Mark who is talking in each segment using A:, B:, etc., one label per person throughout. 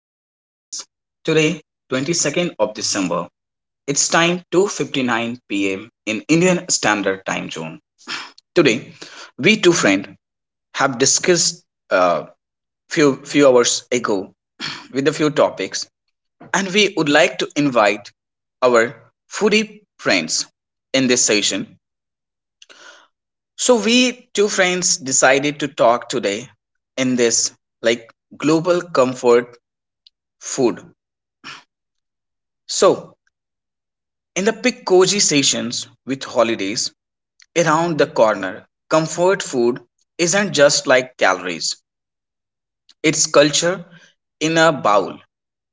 A: 22nd of December, it's time 2:59 p.m. in Indian Standard Time Zone. Today, we two friends have discussed uh, few hours ago with a few topics, and we would like to invite our foodie friends in this session. So we two friends decided to talk today in this like global comfort food. So, in the pick cozy sessions with holidays around the corner, comfort food isn't just like calories, it's culture in a bowl,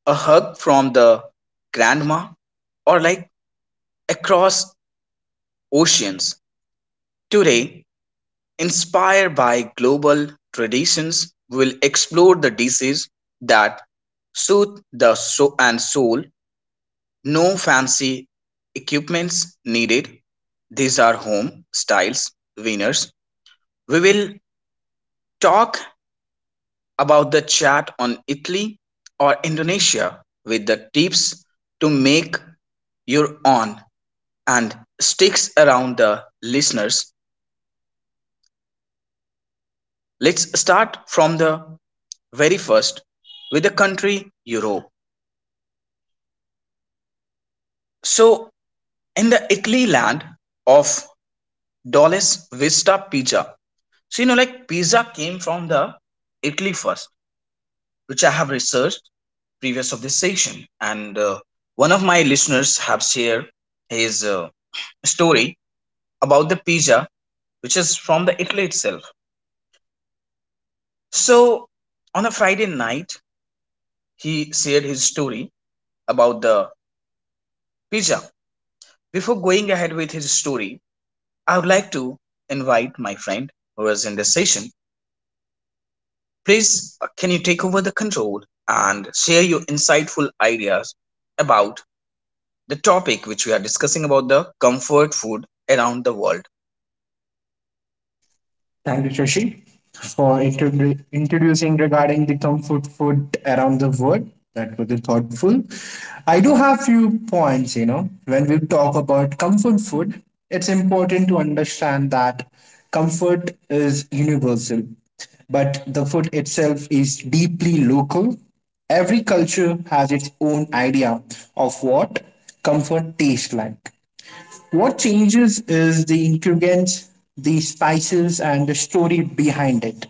A: a hug from the grandma, or like across oceans. Today, inspired by global traditions, we'll explore the dishes that soothe the soul and soul. No fancy equipments needed. These are home styles winners. We will talk about the chat on Italy or Indonesia with the tips to make your own and sticks around the listeners. Let's start from the very first with the country Europe. So, in the Italy land of Dolce Vista Pizza, so, you know, like pizza came from the Italy first, which I have researched previous of this section. And one of my listeners have shared his story about the pizza, which is from the Italy itself. So on a Friday night, he shared his story about the pizza. Before going ahead with his story, I would like to invite my friend who is in this session. Please, can you take over the control and share your insightful ideas about the topic which we are discussing about the comfort food around the world.
B: Thank you, Shashi, for introducing regarding the comfort food around the world. That was thoughtful. I do have few points, you know, when we talk about comfort food, it's important to understand that comfort is universal, but the food itself is deeply local. Every culture has its own idea of what comfort tastes like. What changes is the ingredients, the spices, and the story behind it.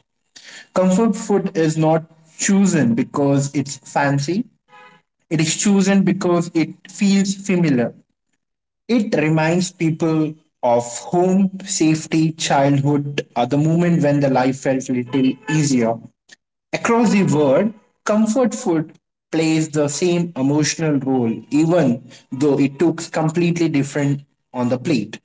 B: Comfort food is not chosen because it's fancy, it is chosen because it feels familiar. It reminds people of home, safety, childhood, the moment when the life felt little easier. Across the world, comfort food plays the same emotional role, even though it looks completely different on the plate.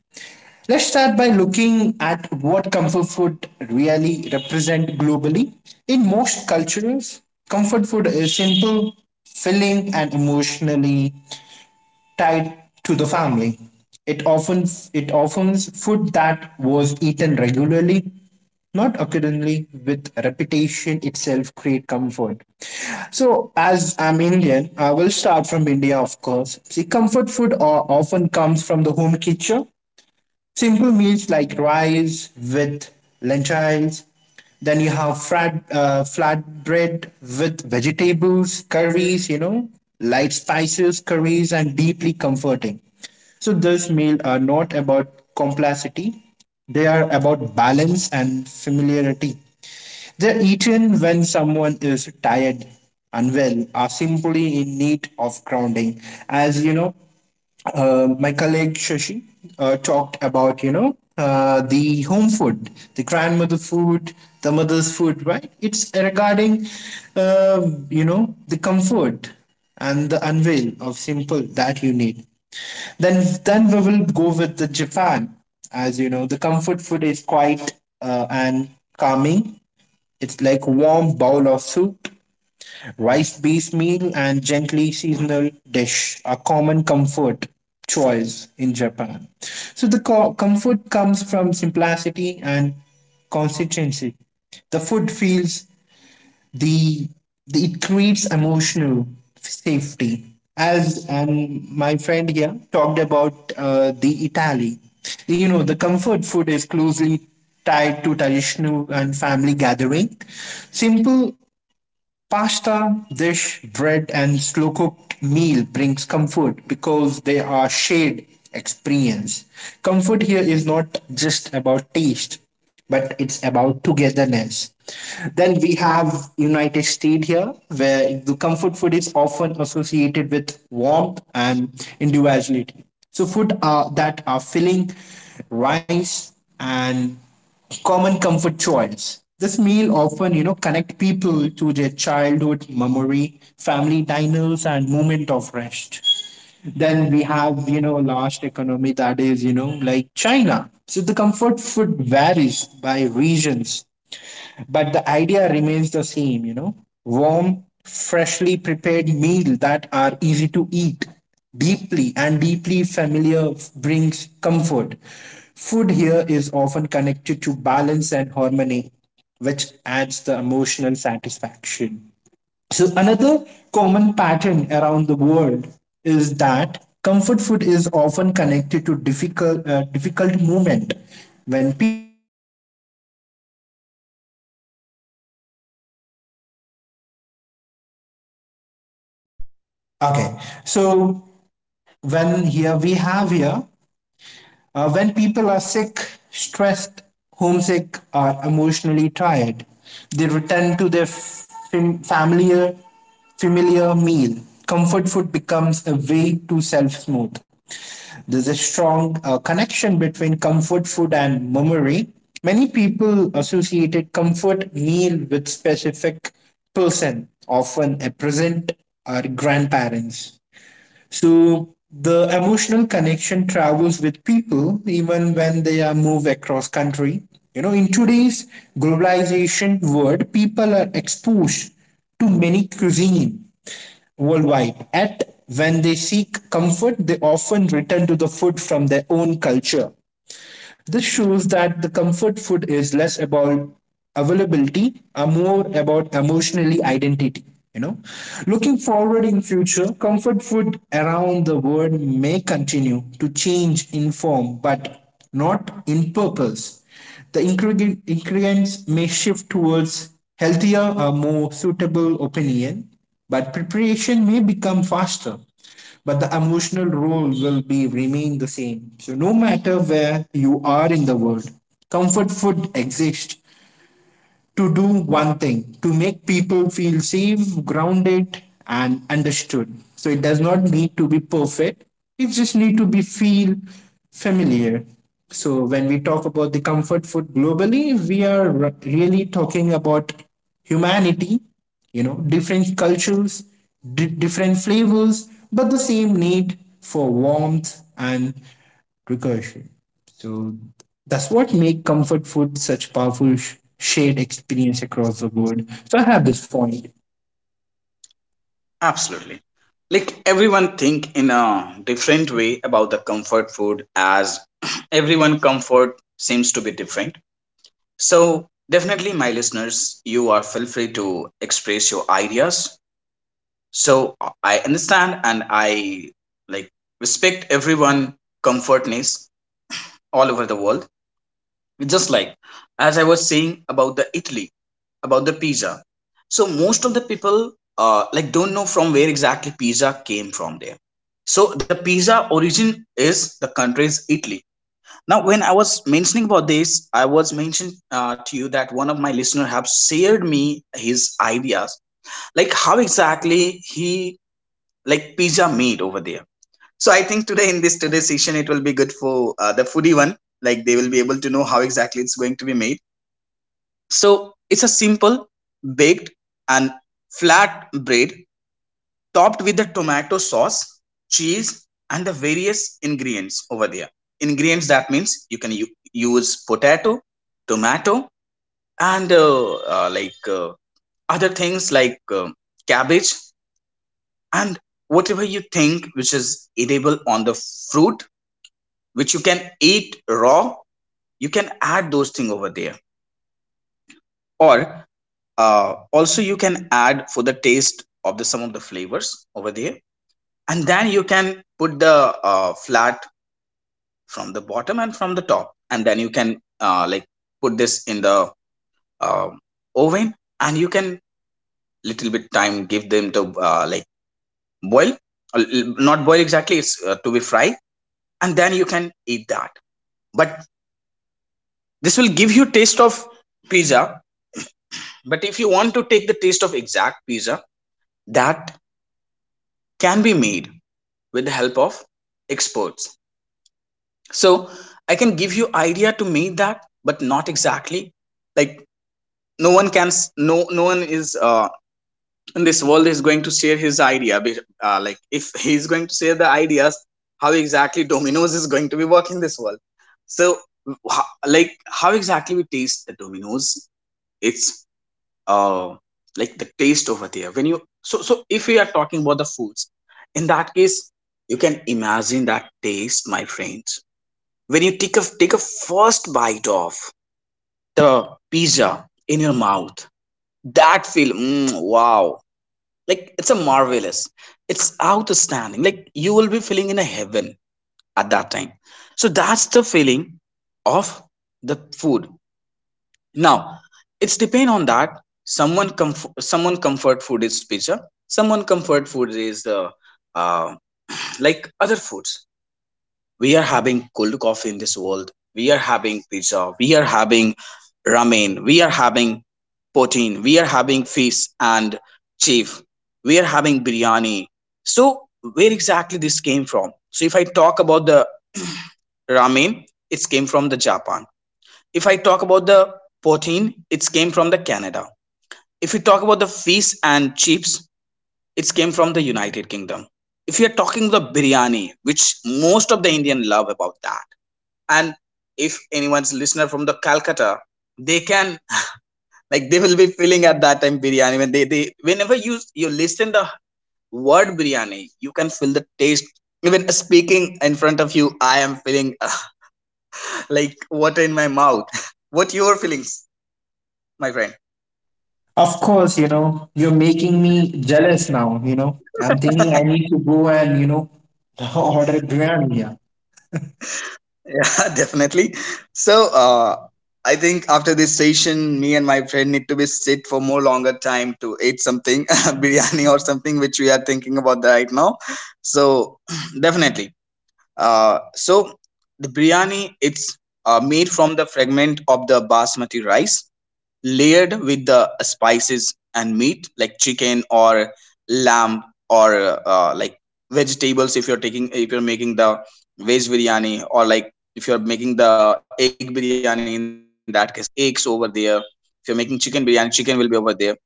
B: Let's start by looking at what comfort food really represent globally. In most cultures, comfort food is simple, filling, and emotionally tied to the family. It often it often food that was eaten regularly, not occasionally, with repetition itself create comfort. So, as I'm Indian, I will start from India, of course. See, comfort food often comes from the home kitchen, simple meals like rice with lentils. Then you have flatbread with vegetables, curries, you know, light spices, curries, and deeply comforting. So this meal are not about complexity; they are about balance and familiarity. They're eaten when someone is tired, unwell, are simply in need of grounding. As you know, my colleague Shashi talked about, you know, the home food, the grandmother food, the mother's food, right? It's regarding, you know, the comfort and the unveil of simple that you need. Then we will go with the Japan. As you know, the comfort food is quite and calming, it's like warm bowl of soup, rice-based meal, and gently seasonal dish are common comfort choice in Japan. So the comfort comes from simplicity and consistency. The food feels the, the it creates emotional safety. As and my friend here talked about the Italy, you know, the comfort food is closely tied to traditional and family gathering, simple pasta, dish, bread, and slow cooked meal brings comfort because they are shared experience. Comfort here is not just about taste, but it's about togetherness. Then we have United States here, where the comfort food is often associated with warmth and individuality. So food are, that are filling, rice and common comfort choice. This meal often, you know, connect people to their childhood memory, family diners, and moment of rest. Then we have, you know, last economy that is, you know, like China. So the comfort food varies by regions, but the idea remains the same, you know, warm, freshly prepared meal that are easy to eat, deeply and deeply familiar brings comfort. Food here is often connected to balance and harmony, which adds the emotional satisfaction. So, another common pattern around the world is that comfort food is often connected to difficult moment when people are sick. Okay, so when here we have here when people are sick, stressed, homesick or emotionally tired, they return to their familiar meal. Comfort food becomes a way to self soothe. There's a strong connection between comfort food and memory. Many people associated comfort meal with specific person, often a present or grandparents. So the emotional connection travels with people even when they are move across country. You know, in today's globalization world, people are exposed to many cuisine worldwide. At when they seek comfort, they often return to the food from their own culture. This shows that the comfort food is less about availability are more about emotionally identity, you know, looking forward in future, comfort food around the world may continue to change in form but not in purpose. The ingredients may shift towards healthier or more suitable opinion, but preparation may become faster, but the emotional role will be remain the same. So no matter where you are in the world, comfort food exists to do one thing: to make people feel safe, grounded, and understood. So it does not need to be perfect, it just need to be feel familiar. So when we talk about the comfort food globally, we are really talking about humanity, you know, different cultures, different flavors, but the same need for warmth and recursion. So that's what make comfort food such powerful shared experience across the world. So I have this point.
A: Absolutely. Like everyone think in a different way about the comfort food as everyone comfort seems to be different. So definitely my listeners, you are feel free to express your ideas. So I understand and I like respect everyone comfortness all over the world. Just like as I was saying about the Italy about the pizza. So most of the people like don't know from where exactly pizza came from there. So the pizza origin is the country is Italy. Now when I was mentioning about this, I was mentioning to you that one of my listener have shared me his ideas, like how exactly he like pizza made over there. So I think today in this today's session it will be good for the foodie one, like they will be able to know how exactly it's going to be made. So it's a simple baked and flat bread topped with the tomato sauce, cheese, and the various ingredients over there. Ingredients that means you can use potato, tomato, and like other things like cabbage and whatever you think which is edible on the fruit, which you can eat raw. You can add those things over there, or also you can add for the taste of the some of the flavors over there and then you can put the flat from the bottom and from the top and then you can like put this in the uh, oven and you can little bit time give them to like boil. Not boil exactly, it's to be fried and then you can eat that, but this will give you taste of pizza. But if you want to take the taste of exact pizza, that can be made with the help of experts. So I can give you idea to meet that but not exactly, like no one can, no one is in this world is going to share his idea like if he's going to share the ideas how exactly dominoes is going to be working this world. So wh- like how exactly we taste the dominoes, it's uh, like the taste over there when you, so if we are talking about the foods, in that case you can imagine that taste my friends. When you take a first bite of the pizza in your mouth, that feel mm, wow, like it's a marvelous, it's outstanding, like you will be feeling in a heaven at that time. So that's the feeling of the food. Now, it's depend on that. Someone comfort food is pizza. Someone comfort food is the uh, like other foods. We are having cold coffee in this world. We are having pizza. We are having ramen. We are having protein. We are having fish and chief. We are having biryani. So where exactly this came from? So if I talk about the ramen, it came from the Japan. If I talk about the poutine, it's came from the Canada. If you talk about the fish and chips, it's came from the United Kingdom. If you're talking the biryani, which most of the Indian love about that, and if anyone's listener from the Calcutta, they can like they will be feeling at that time biryani when they whenever you listen the word biryani, you can feel the taste. Even speaking in front of you, I am feeling like water in my mouth. What your feelings, my friend?
B: Of course, you know, you're making me jealous now, you know. I'm thinking I need to go and, you know, order biryani. Yeah.
A: Yeah, definitely. So, I think after this session, me and my friend need to be sit for more longer time to eat something, biryani or something which we are thinking about right now. So, definitely. So the biryani it's made from the fragment of the basmati rice layered with the spices and meat like chicken or lamb or like vegetables. If you're taking if you're making the veg biryani or like if you're making the egg biryani, in that case eggs over there. If you're making chicken biryani, chicken will be over there, and then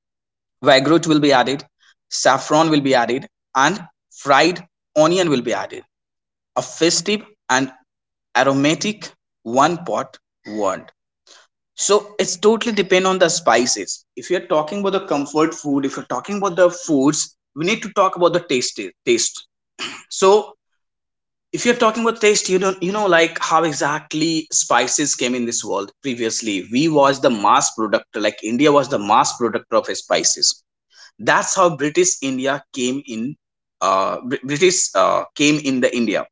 A: vinaigrette will be added, saffron will be added, and fried onion will be added, a festive and aromatic one pot word. So it's totally depend on the spices. If you're talking about the comfort food, if you're talking about the foods, we need to talk about the taste. Taste. So if you're talking about taste, you don't you know like how exactly spices came in this world. Previously, we was the mass product. Like India was the mass product of spices. That's how British India came in. British came in the India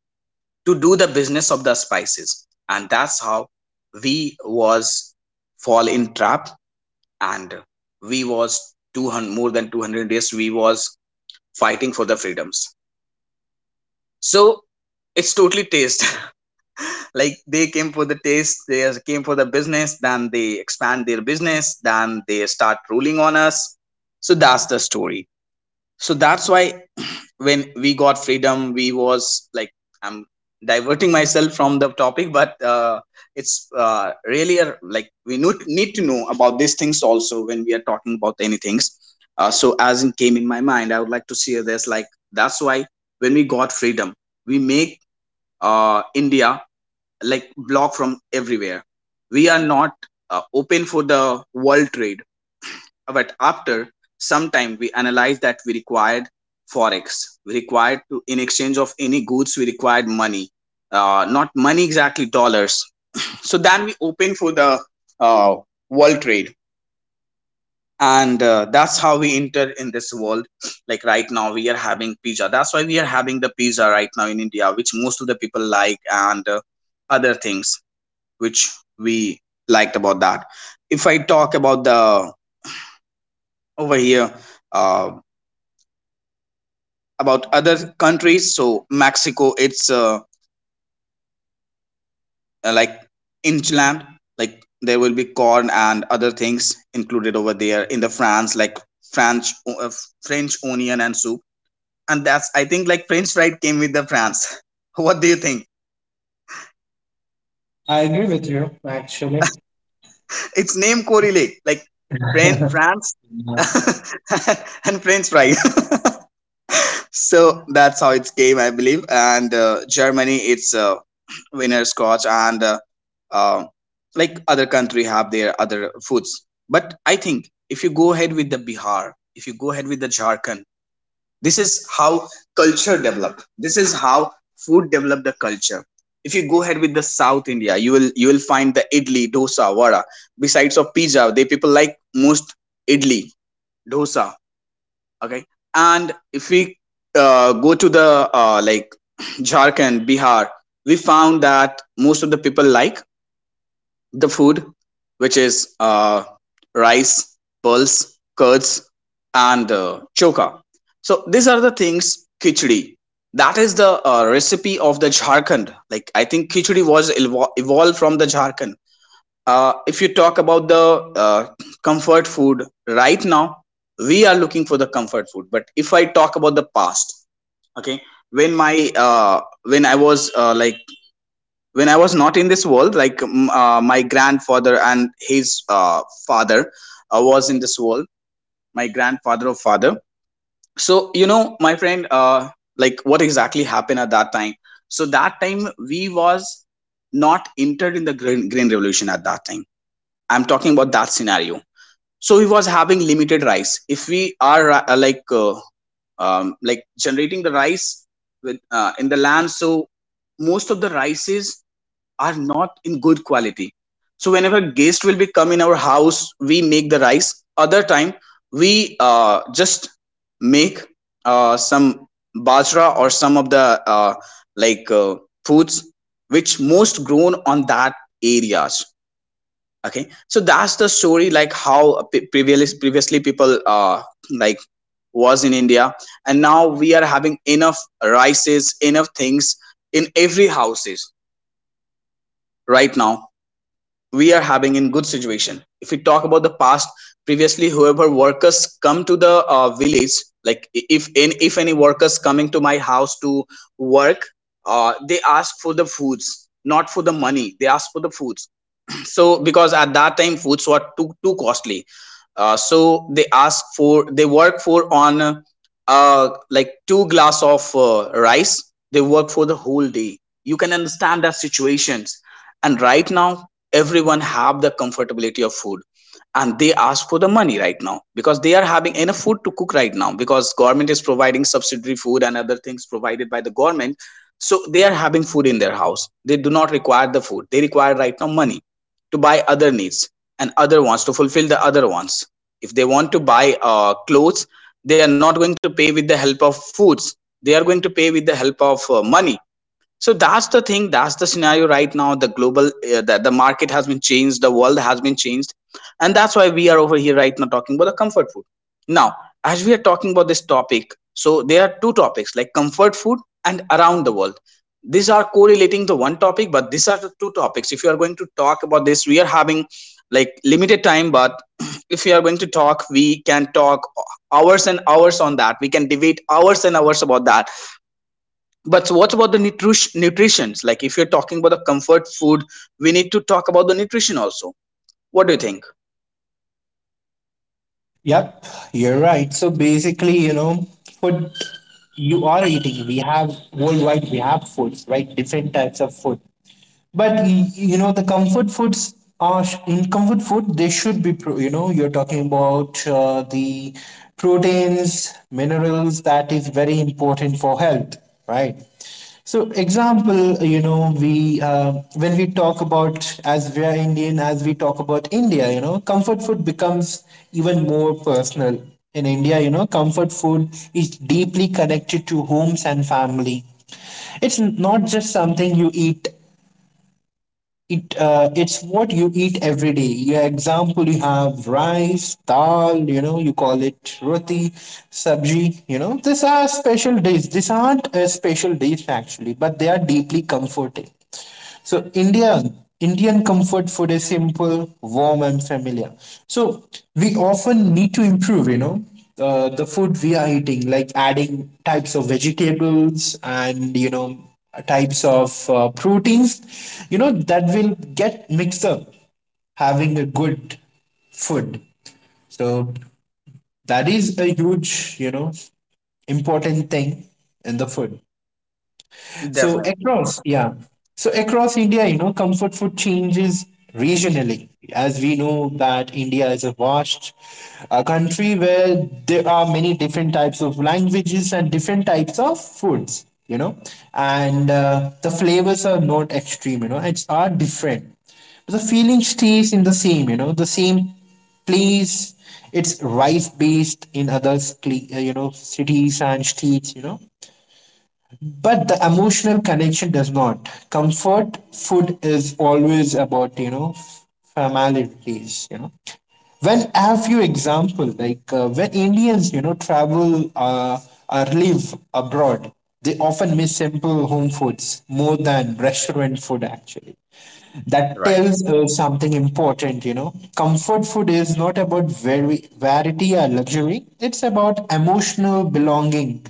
A: to do the business of the spices, and that's how we was fall in trap, and we was 200 more than 200 days we was fighting for the freedoms. So it's totally taste. Like they came for the taste, they came for the business, then they expand their business, then they start ruling on us. So that's the story. So that's why when we got freedom we was like, I'm diverting myself from the topic, but it's really a, like need to know about these things also when we are talking about any things. So as it came in my mind I would like to share this. Like that's why when we got freedom we make India like block from everywhere. We are not open for the world trade, but after some time, we analyzed that we required forex. We required to, in exchange of any goods, we required money. Not money exactly, dollars. So then we opened for the uh, world trade. And that's how we enter in this world. Like right now, we are having pizza. That's why we are having the pizza right now in India, which most of the people like, and other things which we liked about that. If I talk about the over here, uh, about other countries, so Mexico, it's like inland, like there will be corn and other things included over there. In the France, like french uh, French onion and soup, and that's I think like french fried came with the France. What do you think?
B: I agree with you, actually.
A: Its name correlate like France and french fry. So that's how it's game, I believe. And Germany, it's winner scotch and uh, like other country have their other foods. But I think if you go ahead with the Bihar, if you go ahead with the Jharkhand, this is how culture develop. This is how food develop the culture. If you go ahead with the South India, you will find the idli, dosa, vada. Besides of pizza, they people like most idli, dosa, okay. And if we go to the like Jharkhand Bihar, we found that most of the people like the food which is uh, rice, pulse, curds, and choka. So these are the things, khichdi, that is the recipe of the Jharkhand. Like I think khichdi was evolved from the Jharkhand. If you talk about the comfort food right now, we are looking for the comfort food. But if I talk about the past, okay, when my when I was like when I was not in this world, my grandfather and his father was in this world, my grandfather or father. So my friend, like what exactly happened at that time? So that time we was not entered in the green revolution at that time. I'm talking about that scenario, so he was having limited rice. If we are like generating the rice with in the land, so most of the rices are not in good quality. So whenever guest will be come in our house we make the rice, other time we just make some bajra or some of the uh, like uh, foods which most grown on that areas. Okay, so that's the story, like how previously people like was in India. And now we are having enough rices, enough things in every houses. Right now we are having in good situation. If we talk about the past, previously whoever workers come to the village, like if any workers coming to my house to work, they ask for the foods, not for the money. They ask for the foods. So because at that time foods were too costly. So they ask for, they work for on like two glass of rice. They work for the whole day. You can understand that situations. And right now everyone have the comfortability of food, and they ask for the money right now because they are having enough food to cook right now, because government is providing subsidiary food, and other things provided by the government. So they are having food in their house. They do not require the food, they require right now money to buy other needs and other wants, to fulfill the other wants. If they want to buy clothes, they are not going to pay with the help of foods. They are going to pay with the help of money. So that's the thing, that's the scenario right now. The global the market has been changed, the world has been changed, and that's why we are over here right now talking about the comfort food. Now as we are talking about this topic, so there are two topics, like comfort food and around the world. These are correlating to one topic, but these are the two topics. If you are going to talk about this, we are having like limited time, but if you are going to talk, we can talk hours and hours on that. We can debate hours and hours about that. But so, what about the nutrition? Nutritions, like if you're talking about the comfort food, we need to talk about the nutrition also. What do you think?
B: Yep, you're right. So basically, you know, food you are eating. We have worldwide, we have foods, right? Different types of food. But you know the comfort foods are in comfort food they should be you know you're talking about the proteins, minerals, that is very important for health, right? So example, you know, we when we talk about, as we are Indian, as we talk about India, you know comfort food becomes even more personal. In India, you know, comfort food is deeply connected to homes and family. It's not just something you eat, it it's what you eat every day. Your example, you have rice, dal. You know, you call it roti, sabji. You know, these are special days. These aren't special days actually, but they are deeply comforting. So India, Indian comfort food is simple, warm, and familiar. So we often need to improve, you know, the food we are eating, like adding types of vegetables and, you know, types of proteins, you know, that will get mixed up, having a good food. So that is a huge, you know, important thing in the food. So
A: Definitely.
B: across, yeah. So across India, you know, comfort food changes regionally. As we know that India is a vast country where there are many different types of languages and different types of foods, you know, and the flavors are not extreme, you know, it's are different. But the feeling stays in the same, you know, the same place. It's rice based in other, you know, cities and states, you know, but the emotional connection does not. Comfort food is always about, you know, familiarities, you know, when I have few example like when Indians, you know, travel or live abroad, they often miss simple home foods more than restaurant food actually. That
A: Right.
B: tells us something important, you know. Comfort food is not about very variety or luxury. It's about emotional belonging.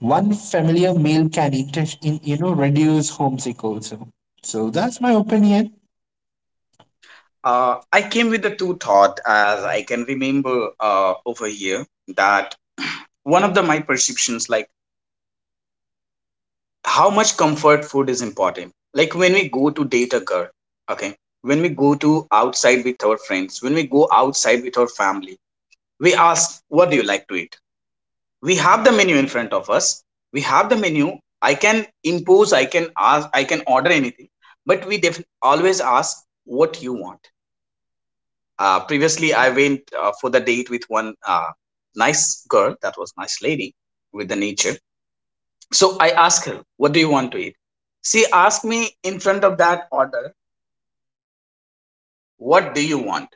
B: One familiar meal can you know, reduce homesick also. So that's my opinion.
A: I came with the two thought as I can remember over here that one of the my perceptions, like how much comfort food is important. Like when we go to date a girl, okay, when we go to outside with our friends, when we go outside with our family, we ask, what do you like to eat? We have the menu in front of us, we have the menu. I can impose, I can ask, I can order anything, but we always ask what you want. Previously I went for the date with one nice girl. That was nice lady with the nature. So I asked her, what do you want to eat? She asked me, in front of that order, what do you want,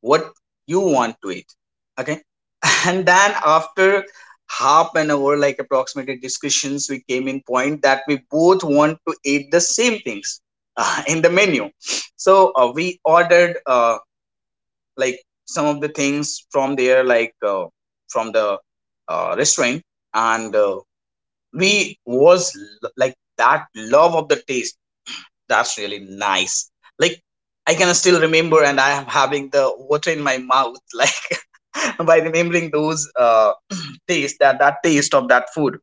A: what you want to eat? Okay. And then after half an hour, like approximately discussions, we came in point that we both want to eat the same things. In the menu, so we ordered like some of the things from there, like from the restaurant. And we was like that love of the taste. That's really nice. Like, I can still remember, and I am having the water in my mouth, like by remembering those taste, that taste of that food.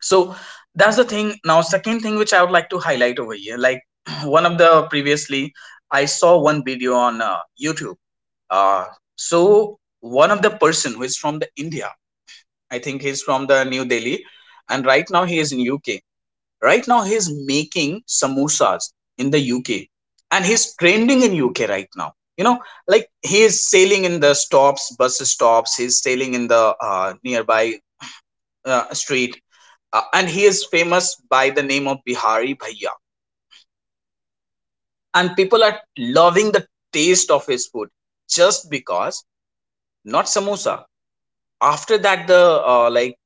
A: So that's the thing. Now, second thing which I would like to highlight over here, like one of the previously, I saw one video on YouTube. Uh, so one of the person who is from the India, I think he's from the New Delhi, and right now he is in UK. Right now, he's making samosas in the UK, and he's trending in UK right now. You know, like he is sailing in the stops, bus stops, he's sailing in the nearby street, and he is famous by the name of Bihari Bhaiya. And people are loving the taste of his food, just because, not samosa. After that, the like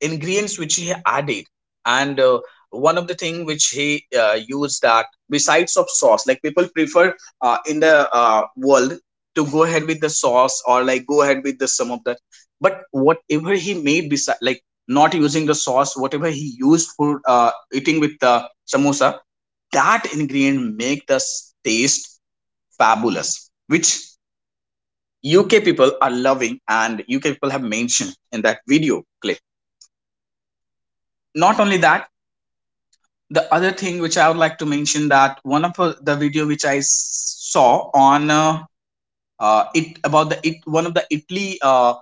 A: ingredients which he added, and one of the thing which he used, that besides of sauce, like people prefer in the world to go ahead with the sauce or like go ahead with the some of that, but whatever he made beside, like not using the sauce, whatever he used for eating with the samosa, that ingredient make the taste fabulous, which UK people are loving, and UK people have mentioned in that video clip. Not only that, the other thing which I would like to mention, that one of the video which I saw on it about the it, one of the Italy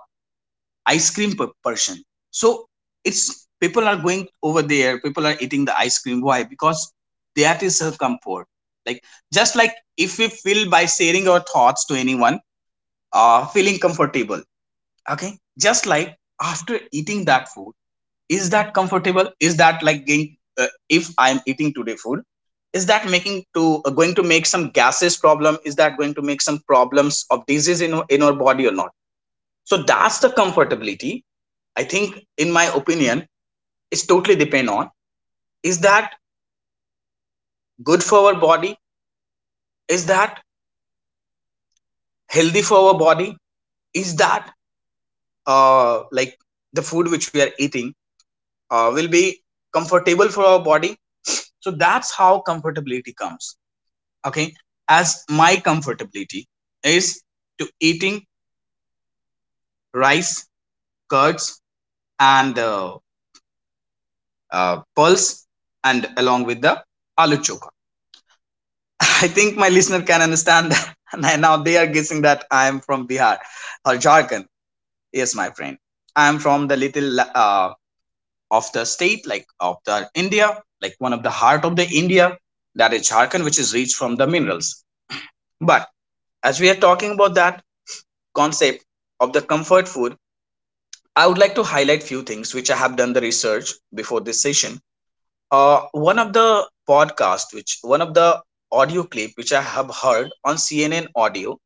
A: ice cream person. So it's people are going over there. People are eating the ice cream. Why? Because that is her comfort. Like, just like if we feel by sharing our thoughts to anyone, feeling comfortable. Okay, just like after eating that food, is that comfortable? Is that like getting if I'm eating today food? Is that making to going to make some gases problem? Is that going to make some problems of disease in our body or not? So that's the comfortability. I think in my opinion, it's totally depend on, is that good for our body, is that healthy for our body, is that uh, like the food which we are eating will be comfortable for our body. So that's how comfortability comes. Okay, as my comfortability is to eating rice, curds, and pulse, and along with the aloo choka. I think my listener can understand that. And now they are guessing that I am from Bihar or Jharkhand. Yes, my friend. I am from the little of the state, like of the India, like one of the heart of the India, that is Jharkhand, which is rich from the minerals. But as we are talking about that concept of the comfort food, I would like to highlight few things which I have done the research before this session. One of the podcast, which one of the audio clip which I have heard on CNN audio,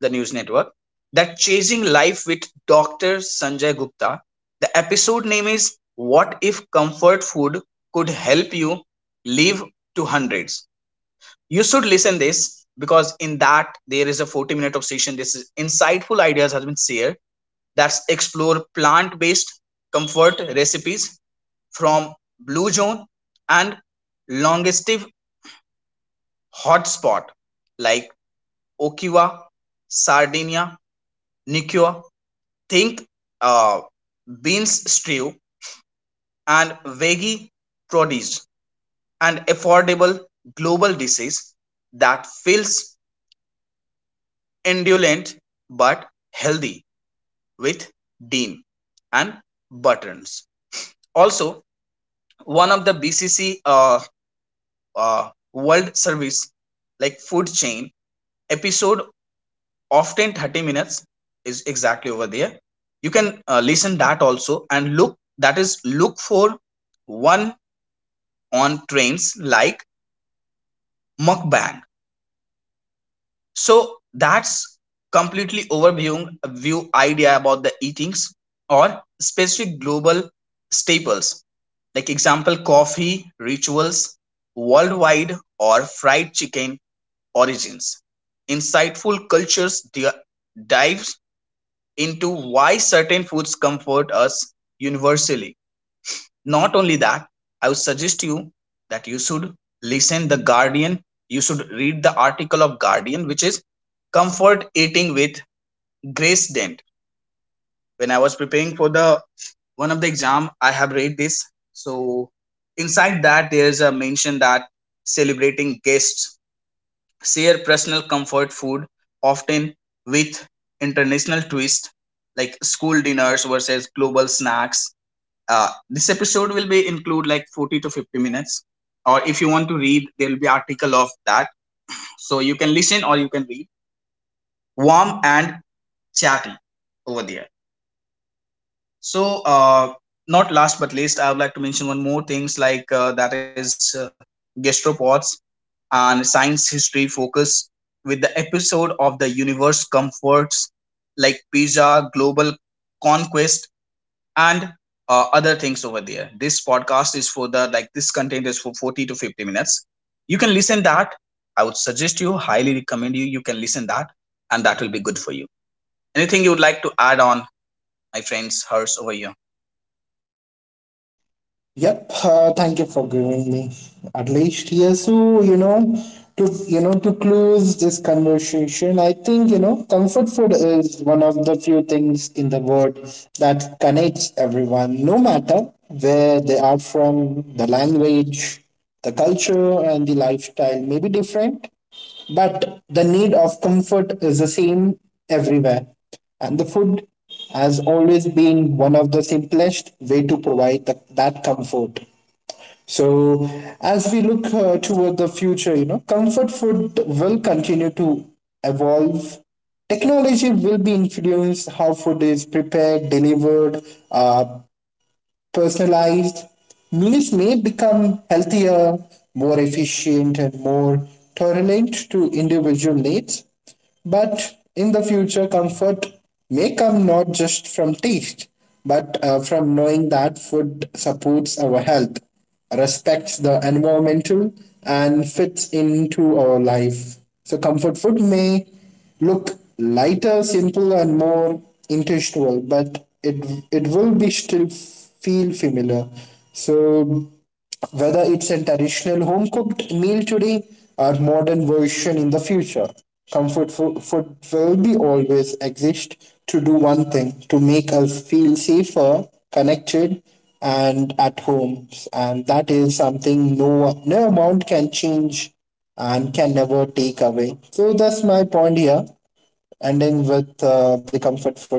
A: the news network, that Chasing Life with Dr. Sanjay Gupta. The episode name is, what if comfort food could help you live to hundreds? You should listen this, because in that there is a 40 minute of session. This is insightful ideas has been shared. That's explore plant based comfort recipes from Blue Zone and longest hotspot like Okiwa, Sardinia, Nicoya. Think uh, beans stew and veggie produce and affordable global disease that feels indolent but healthy, with Dean and Buttons. Also, one of the BCC World Service, like food chain episode, often 30 minutes is exactly over there. You can listen that also, and look that is look for one on trains, like mukbang. So that's completely overviewing view idea about the eatings or specific global staples, like example coffee rituals worldwide or fried chicken origins. Insightful cultures dives into why certain foods comfort us universally. Not only that, I would suggest you that you should listen the Guardian. You should read the article of Guardian, which is comfort eating with Grace Dent. When I was preparing for the one of the exam, I have read this. So inside that, there is a mention that celebrating guests share personal comfort food, often with international twist, like school dinners versus global snacks. This episode will be include like 40 to 50 minutes. Or if you want to read, there will be article of that. So you can listen or you can read. Warm and chatty over there. So not last but least, I would like to mention one more things, like that is gastropods and science history focus, with the episode of the universe comforts, like pizza, global conquest, and other things over there. This podcast is for the like this content is for 40 to 50 minutes. You can listen that. I would suggest you, highly recommend you. You can listen that, and that will be good for you. Anything you would like to add on, my friends, hers over you?
B: Yep, thank you for giving me at least here. So you know, to close this conversation, I think, you know, comfort food is one of the few things in the world that connects everyone, no matter where they are from. The language, the culture, and the lifestyle may be different, but the need of comfort is the same everywhere, and the food has always been one of the simplest way to provide that comfort. So, as we look toward the future, you know, comfort food will continue to evolve. Technology will be influenced how food is prepared, delivered, uh, personalized meals may become healthier, more efficient, and more tolerant to individual needs. But in the future, comfort may come not just from taste, but from knowing that food supports our health, respects the environmental, and fits into our life. So, comfort food may look lighter, simple, and more intentional, but it will be still feel familiar. So whether it's a traditional home cooked meal today or modern version in the future, comfort food will be always exist to do one thing: to make us feel safer, connected, and at home, and that is something no amount can change and can never take away. So that's my point here, ending with the comfort food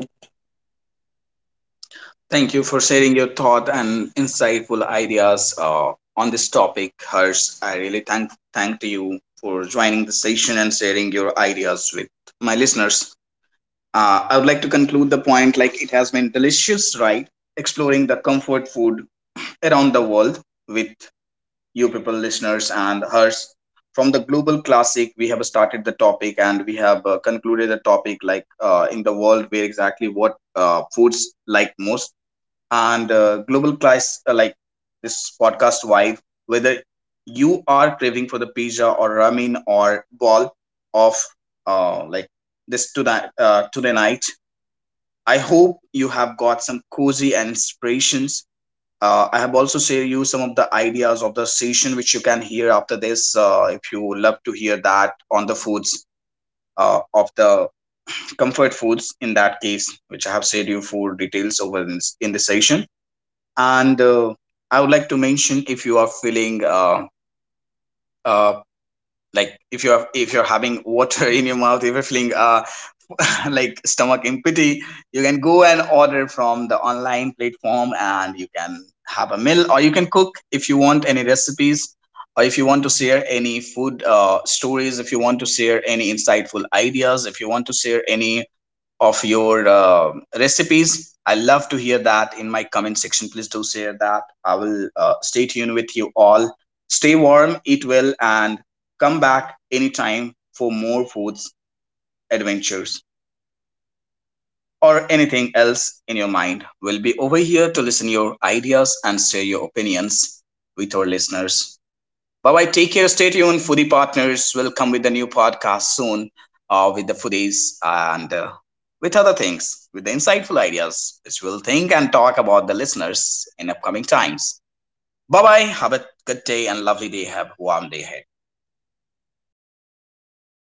A: Thank you for sharing your thought and insightful ideas on this topic, Harsh. I really thank to you for joining the session and sharing your ideas with my listeners. I would like to conclude the point, like it has been delicious, right? Exploring the comfort food around the world with you people, listeners, and Harsh. From the global classic, we have started the topic and we have concluded the topic, like in the world where exactly what foods like most, and global class like this podcast vibe, whether you are craving for the pizza or ramen or ball of like this tonight today night. I hope you have got some cozy and inspirations. I have also shared you some of the ideas of the session which you can hear after this, if you love to hear that on the foods of the comfort foods, in that case, which I have shared you for details over in the session. And I would like to mention, if you are feeling uh, like if you're having water in your mouth, if you're feeling like stomach empty, you can go and order from the online platform, and you can have a meal, or you can cook if you want any recipes, or if you want to share any food stories, if you want to share any insightful ideas, if you want to share any of your recipes. I love to hear that in my comment section. Please do share that. I will stay tuned with you all. Stay warm, eat well, and come back anytime for more foods, adventures, or anything else in your mind. We'll be over here to listen your ideas and share your opinions with our listeners. Bye bye. Take care. Stay tuned. Foodie Partners will come with a new podcast soon, with the foodies and with other things, with the insightful ideas, which we'll think and talk about the listeners in upcoming times. Bye bye. Have a good day and lovely day. Have a warm day ahead.